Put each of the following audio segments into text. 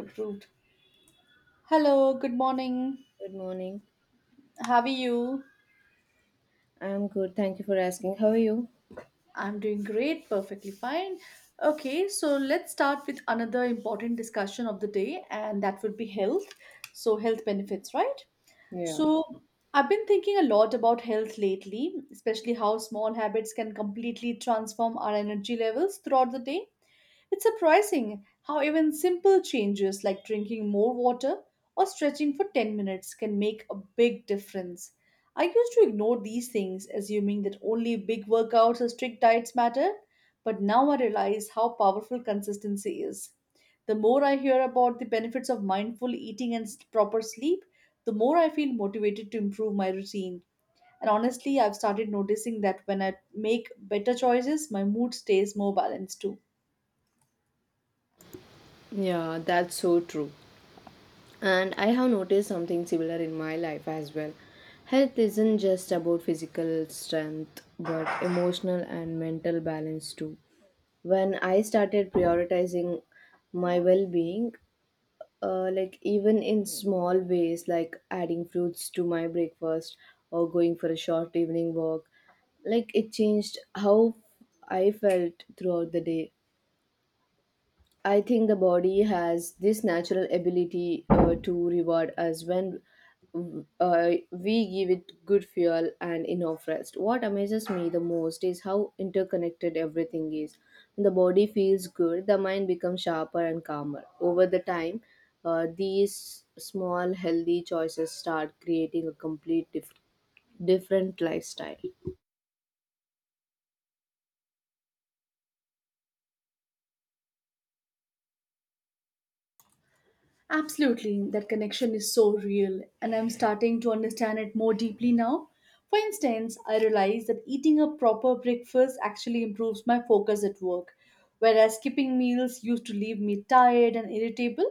Approved. Hello, good morning. Good morning. How are you? I am good. Thank you for asking. How are you? I'm doing great, perfectly fine. Okay, so let's start with another important discussion of the day, and that would be health. So, health benefits, right? So, I've been thinking a lot about health lately, especially how small habits can completely transform our energy levels throughout the day. It's surprising how even simple changes like drinking more water or stretching for 10 minutes can make a big difference. I used to ignore these things, assuming that only big workouts or strict diets matter, but now I realize how powerful consistency is. The more I hear about the benefits of mindful eating and proper sleep, the more I feel motivated to improve my routine. And honestly, I've started noticing that when I make better choices, my mood stays more balanced too. Yeah, that's so true. And I have noticed something similar in my life as well. Health isn't just about physical strength, but emotional and mental balance too. When I started prioritizing my well being, like even in small ways, like adding fruits to my breakfast or going for a short evening walk, like it changed how I felt throughout the day. I think the body has this natural ability to reward us when we give it good fuel and enough rest. What amazes me the most is how interconnected everything is. When the body feels good, the mind becomes sharper and calmer. Over the time, these small healthy choices start creating a complete different lifestyle. Absolutely, that connection is so real, and I'm starting to understand it more deeply now. For instance, I realized that eating a proper breakfast actually improves my focus at work, whereas skipping meals used to leave me tired and irritable.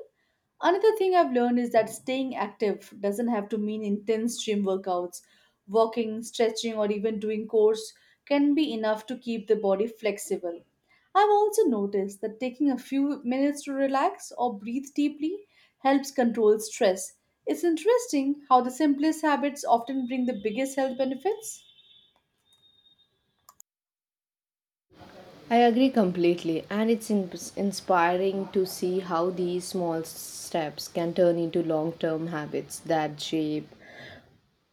Another thing I've learned is that staying active doesn't have to mean intense gym workouts. Walking, stretching, or even doing chores can be enough to keep the body flexible. I've also noticed that taking a few minutes to relax or breathe deeply helps control stress. It's interesting how the simplest habits often bring the biggest health benefits. I agree completely, and it's inspiring to see how these small steps can turn into long term habits that shape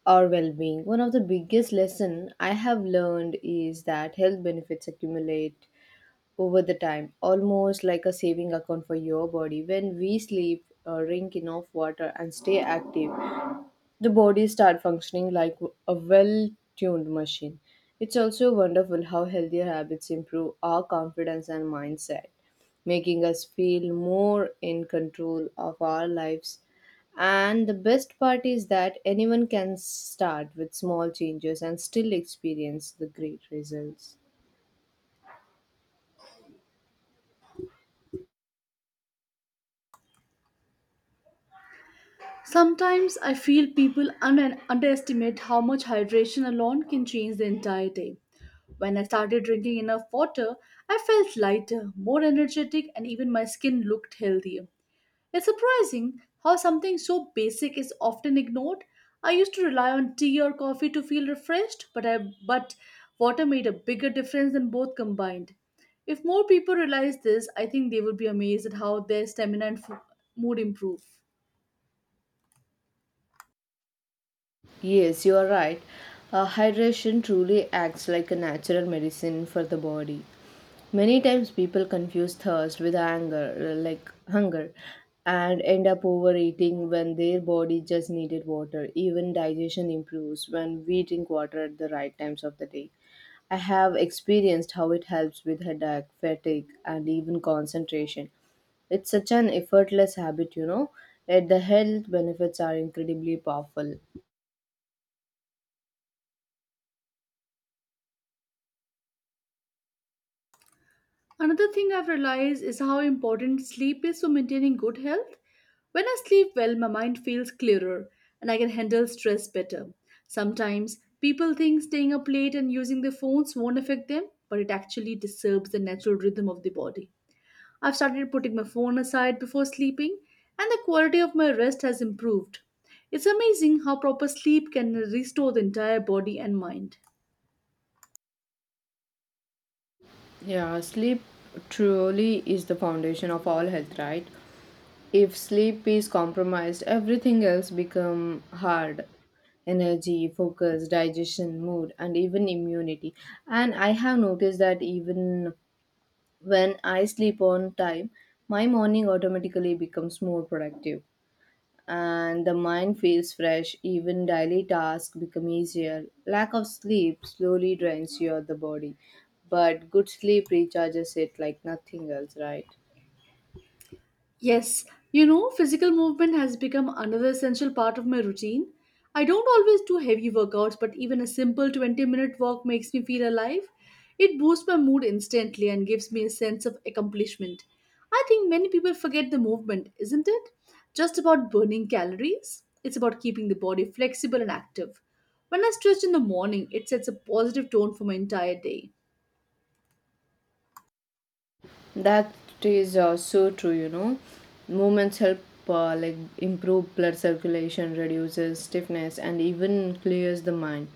our well being. One of the biggest lessons I have learned is that health benefits accumulate over the time, almost like a saving account for your body. When we sleep, drink enough water, and stay active, the body start functioning like a well tuned machine. It's also wonderful how healthier habits improve our confidence and mindset, making us feel more in control of our lives. And the best part is that anyone can start with small changes and still experience the great results. Sometimes I feel people underestimate how much hydration alone can change the entire day. When I started drinking enough water, I felt lighter, more energetic, and even my skin looked healthier. It's surprising how something so basic is often ignored. I used to rely on tea or coffee to feel refreshed, but water made a bigger difference than both combined. If more people realize this, I think they would be amazed at how their stamina and mood improve. Yes, you are right. Hydration truly acts like a natural medicine for the body. Many times people confuse thirst with anger, like hunger, and end up overeating when their body just needed water. Even digestion improves when we drink water at the right times of the day. I have experienced how it helps with headache, fatigue, and even concentration. It's such an effortless habit, you know, yet the health benefits are incredibly powerful. Another thing I've realized is how important sleep is for maintaining good health. When I sleep well, my mind feels clearer and I can handle stress better. Sometimes people think staying up late and using their phones won't affect them, but it actually disturbs the natural rhythm of the body. I've started putting my phone aside before sleeping, and the quality of my rest has improved. It's amazing how proper sleep can restore the entire body and mind. Yeah, sleep truly is the foundation of all health, right? If sleep is compromised, everything else become hard. Energy, focus, digestion, mood, and even immunity. And I have noticed that even when I sleep on time, my morning automatically becomes more productive and the mind feels fresh. Even daily tasks become easier. Lack of sleep slowly drains your the body, but good sleep recharges it like nothing else, right? Yes, you know, physical movement has become another essential part of my routine. I don't always do heavy workouts, but even a simple 20-minute walk makes me feel alive. It boosts my mood instantly and gives me a sense of accomplishment. I think many people forget the movement, isn't it? Just about burning calories. It's about keeping the body flexible and active. When I stretch in the morning, it sets a positive tone for my entire day. That is so true, you know. Movements help like improve blood circulation, reduces stiffness, and even clears the mind.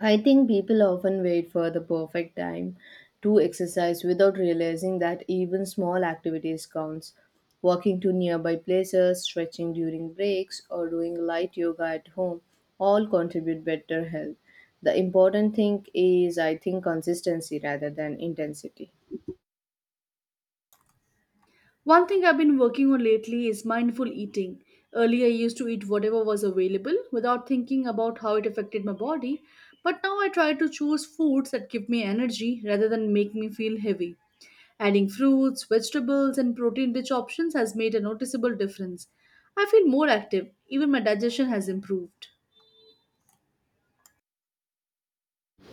I think people often wait for the perfect time to exercise without realizing that even small activities counts. Walking to nearby places, stretching during breaks, or doing light yoga at home all contribute better health. The important thing is I think consistency rather than intensity. One thing I've been working on lately is mindful eating. Earlier, I used to eat whatever was available without thinking about how it affected my body, but now I try to choose foods that give me energy rather than make me feel heavy. Adding fruits, vegetables, and protein rich options has made a noticeable difference. I feel more active, even my digestion has improved.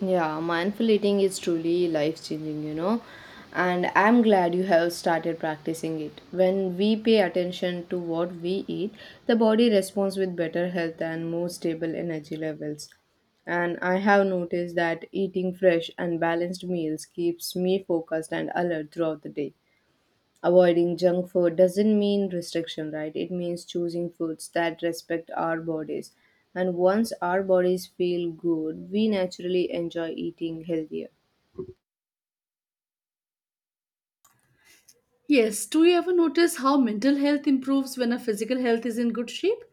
Yeah, mindful eating is truly life changing, you know. And I'm glad you have started practicing it. When we pay attention to what we eat, the body responds with better health and more stable energy levels. And I have noticed that eating fresh and balanced meals keeps me focused and alert throughout the day. Avoiding junk food doesn't mean restriction, right? It means choosing foods that respect our bodies. And once our bodies feel good, we naturally enjoy eating healthier. Yes, do you ever notice how mental health improves when our physical health is in good shape?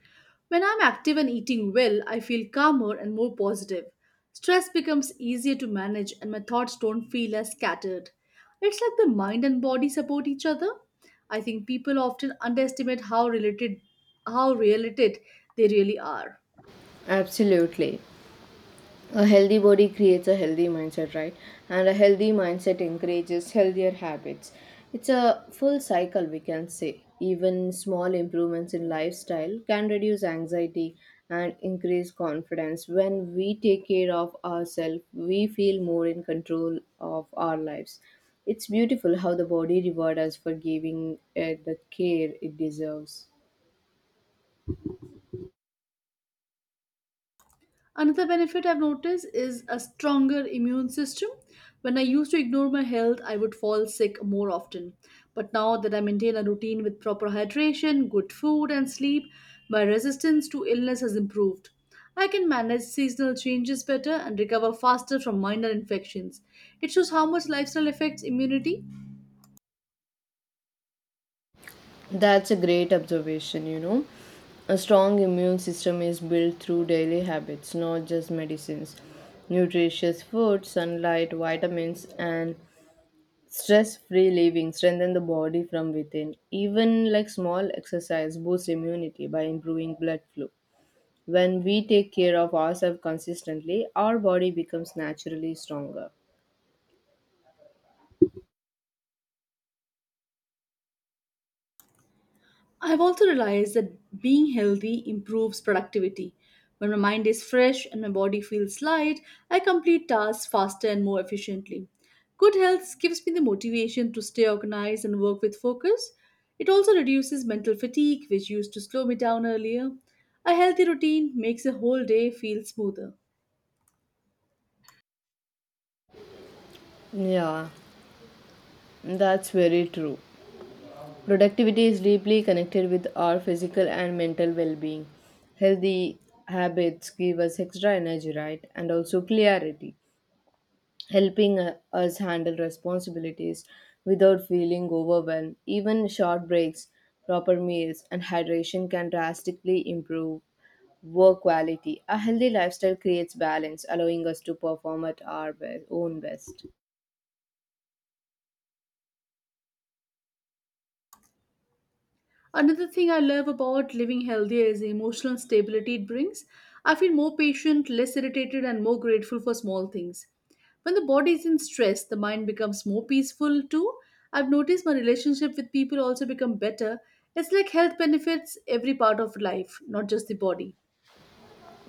When I'm active and eating well, I feel calmer and more positive. Stress becomes easier to manage and my thoughts don't feel as scattered. It's like the mind and body support each other. I think people often underestimate how related they really are. Absolutely. A healthy body creates a healthy mindset, right? And a healthy mindset encourages healthier habits. It's a full cycle, we can say. Even small improvements in lifestyle can reduce anxiety and increase confidence. When we take care of ourselves, we feel more in control of our lives. It's beautiful how the body rewards us for giving it the care it deserves. Another benefit I've noticed is a stronger immune system. When I used to ignore my health, I would fall sick more often. But now that I maintain a routine with proper hydration, good food, and sleep, my resistance to illness has improved. I can manage seasonal changes better and recover faster from minor infections. It shows how much lifestyle affects immunity. That's a great observation, you know. A strong immune system is built through daily habits, not just medicines. Nutritious food, sunlight, vitamins, and stress free living strengthen the body from within. Even like small exercise boosts immunity by improving blood flow. When we take care of ourselves consistently, our body becomes naturally stronger. I've also realized that being healthy improves productivity. When my mind is fresh and my body feels light, I complete tasks faster and more efficiently. Good health gives me the motivation to stay organized and work with focus. It also reduces mental fatigue, which used to slow me down earlier. A healthy routine makes the whole day feel smoother. Yeah, that's very true. Productivity is deeply connected with our physical and mental well being. Healthy habits give us extra energy, right? And also clarity, helping us handle responsibilities without feeling overwhelmed. Even short breaks, proper meals, and hydration can drastically improve work quality. A healthy lifestyle creates balance, allowing us to perform at our own best. Another thing I love about living healthier is the emotional stability it brings. I feel more patient, less irritated, and more grateful for small things. When the body is in stress, the mind becomes more peaceful too. I've noticed my relationship with people also become better. It's like health benefits every part of life, not just the body.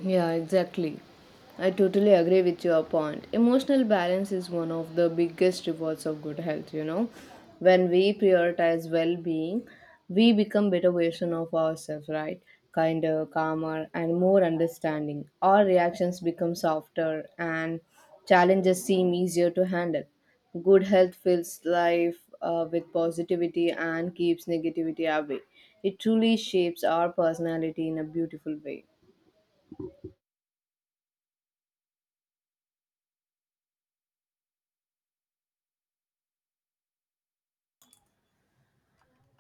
Yeah, exactly. I totally agree with your point. Emotional balance is one of the biggest rewards of good health, you know. When we prioritize well being, we become better version of ourselves, right? Kinder, calmer, and more understanding. Our reactions become softer and challenges seem easier to handle. Good health fills life with positivity and keeps negativity away. It truly shapes our personality in a beautiful way.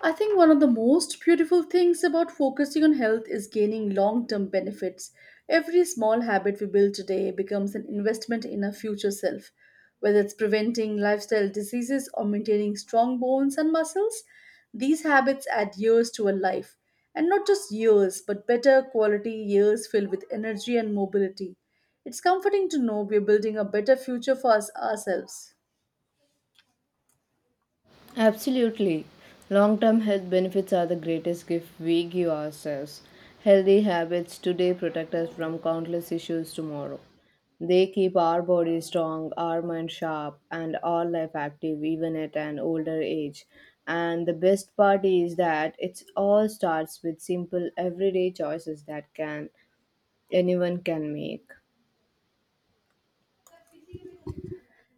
I think one of the most beautiful things about focusing on health is gaining long term benefits. Every small habit we build today becomes an investment in our future self. Whether it's preventing lifestyle diseases or maintaining strong bones and muscles, these habits add years to a life. And not just years, but better quality years filled with energy and mobility. It's comforting to know we're building a better future for us ourselves. Absolutely. Long term health benefits are the greatest gift we give ourselves. Healthy habits today protect us from countless issues tomorrow. They keep our body strong, our mind sharp, and our life active even at an older age. And the best part is that it all starts with simple everyday choices that can anyone can make.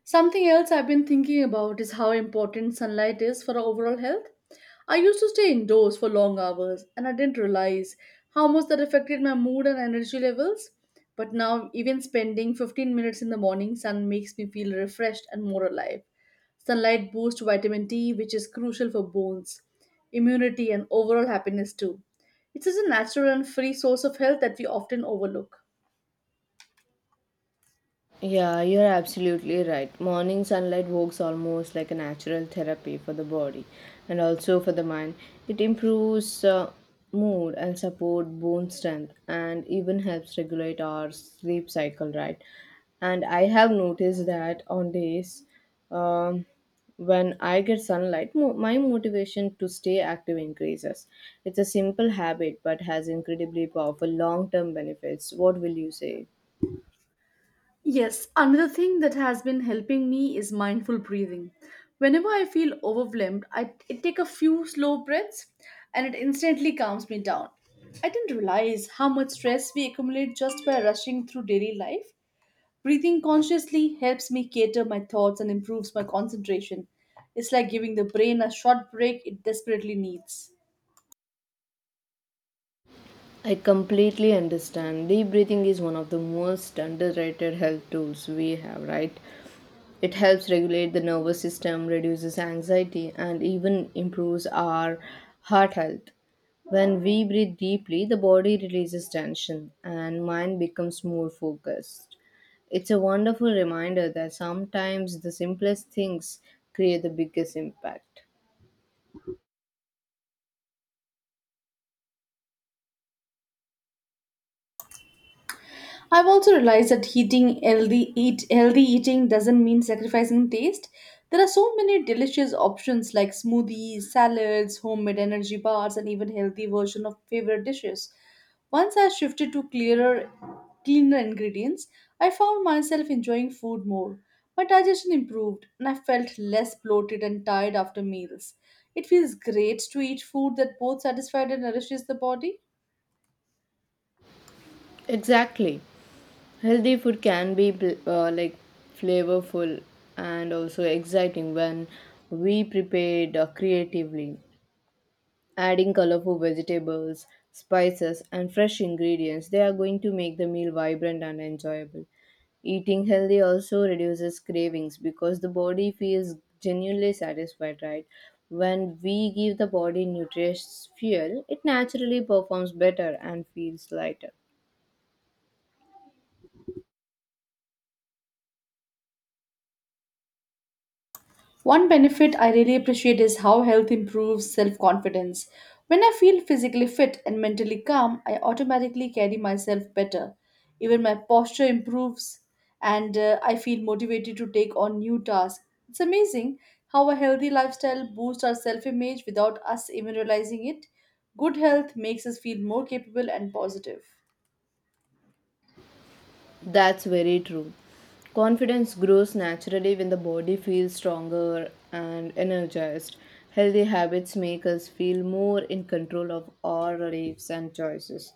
Something else I've been thinking about is how important sunlight is for our overall health. I used to stay indoors for long hours and I didn't realize how much that affected my mood and energy levels. But now, even spending 15 minutes in the morning sun makes me feel refreshed and more alive. Sunlight boosts vitamin D, which is crucial for bones, immunity, and overall happiness, too. It's such a natural and free source of health that we often overlook. Yeah, you're absolutely right. Morning sunlight works almost like a natural therapy for the body and also for the mind. It improves mood and support bone strength and even helps regulate our sleep cycle, right? And I have noticed that on days um, when I get sunlight, my motivation to stay active increases. It's a simple habit but has incredibly powerful long-term benefits. What will you say? Yes, another thing that has been helping me is mindful breathing. Whenever I feel overwhelmed, I take a few slow breaths and it instantly calms me down. I didn't realize how much stress we accumulate just by rushing through daily life. Breathing consciously helps me cater my thoughts and improves my concentration. It's like giving the brain a short break it desperately needs. I completely understand. Deep breathing is one of the most underrated health tools we have, right? It helps regulate the nervous system, reduces anxiety, and even improves our heart health. When we breathe deeply, the body releases tension and mind becomes more focused. It's a wonderful reminder that sometimes the simplest things create the biggest impact. I've also realized that heating healthy eat healthy eating doesn't mean sacrificing taste. There are so many delicious options like smoothies, salads, homemade energy bars, and even healthy version of favorite dishes. Once I shifted to cleaner ingredients, I found myself enjoying food more. My digestion improved, and I felt less bloated and tired after meals. It feels great to eat food that both satisfies and nourishes the body. Exactly. Healthy food can be like flavorful and also exciting when we prepared creatively. Adding colorful vegetables, spices, and fresh ingredients, they are going to make the meal vibrant and enjoyable. Eating healthy also reduces cravings because the body feels genuinely satisfied, right? When we give the body nutritious fuel, it naturally performs better and feels lighter. One benefit I really appreciate is how health improves self confidence. When I feel physically fit and mentally calm, I automatically carry myself better. Even my posture improves and I feel motivated to take on new tasks. It's amazing how a healthy lifestyle boosts our self image without us even realizing it. Good health makes us feel more capable and positive. That's very true. Confidence grows naturally when the body feels stronger and energized. Healthy habits make us feel more in control of our lives and choices.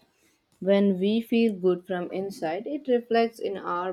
When we feel good from inside, it reflects in our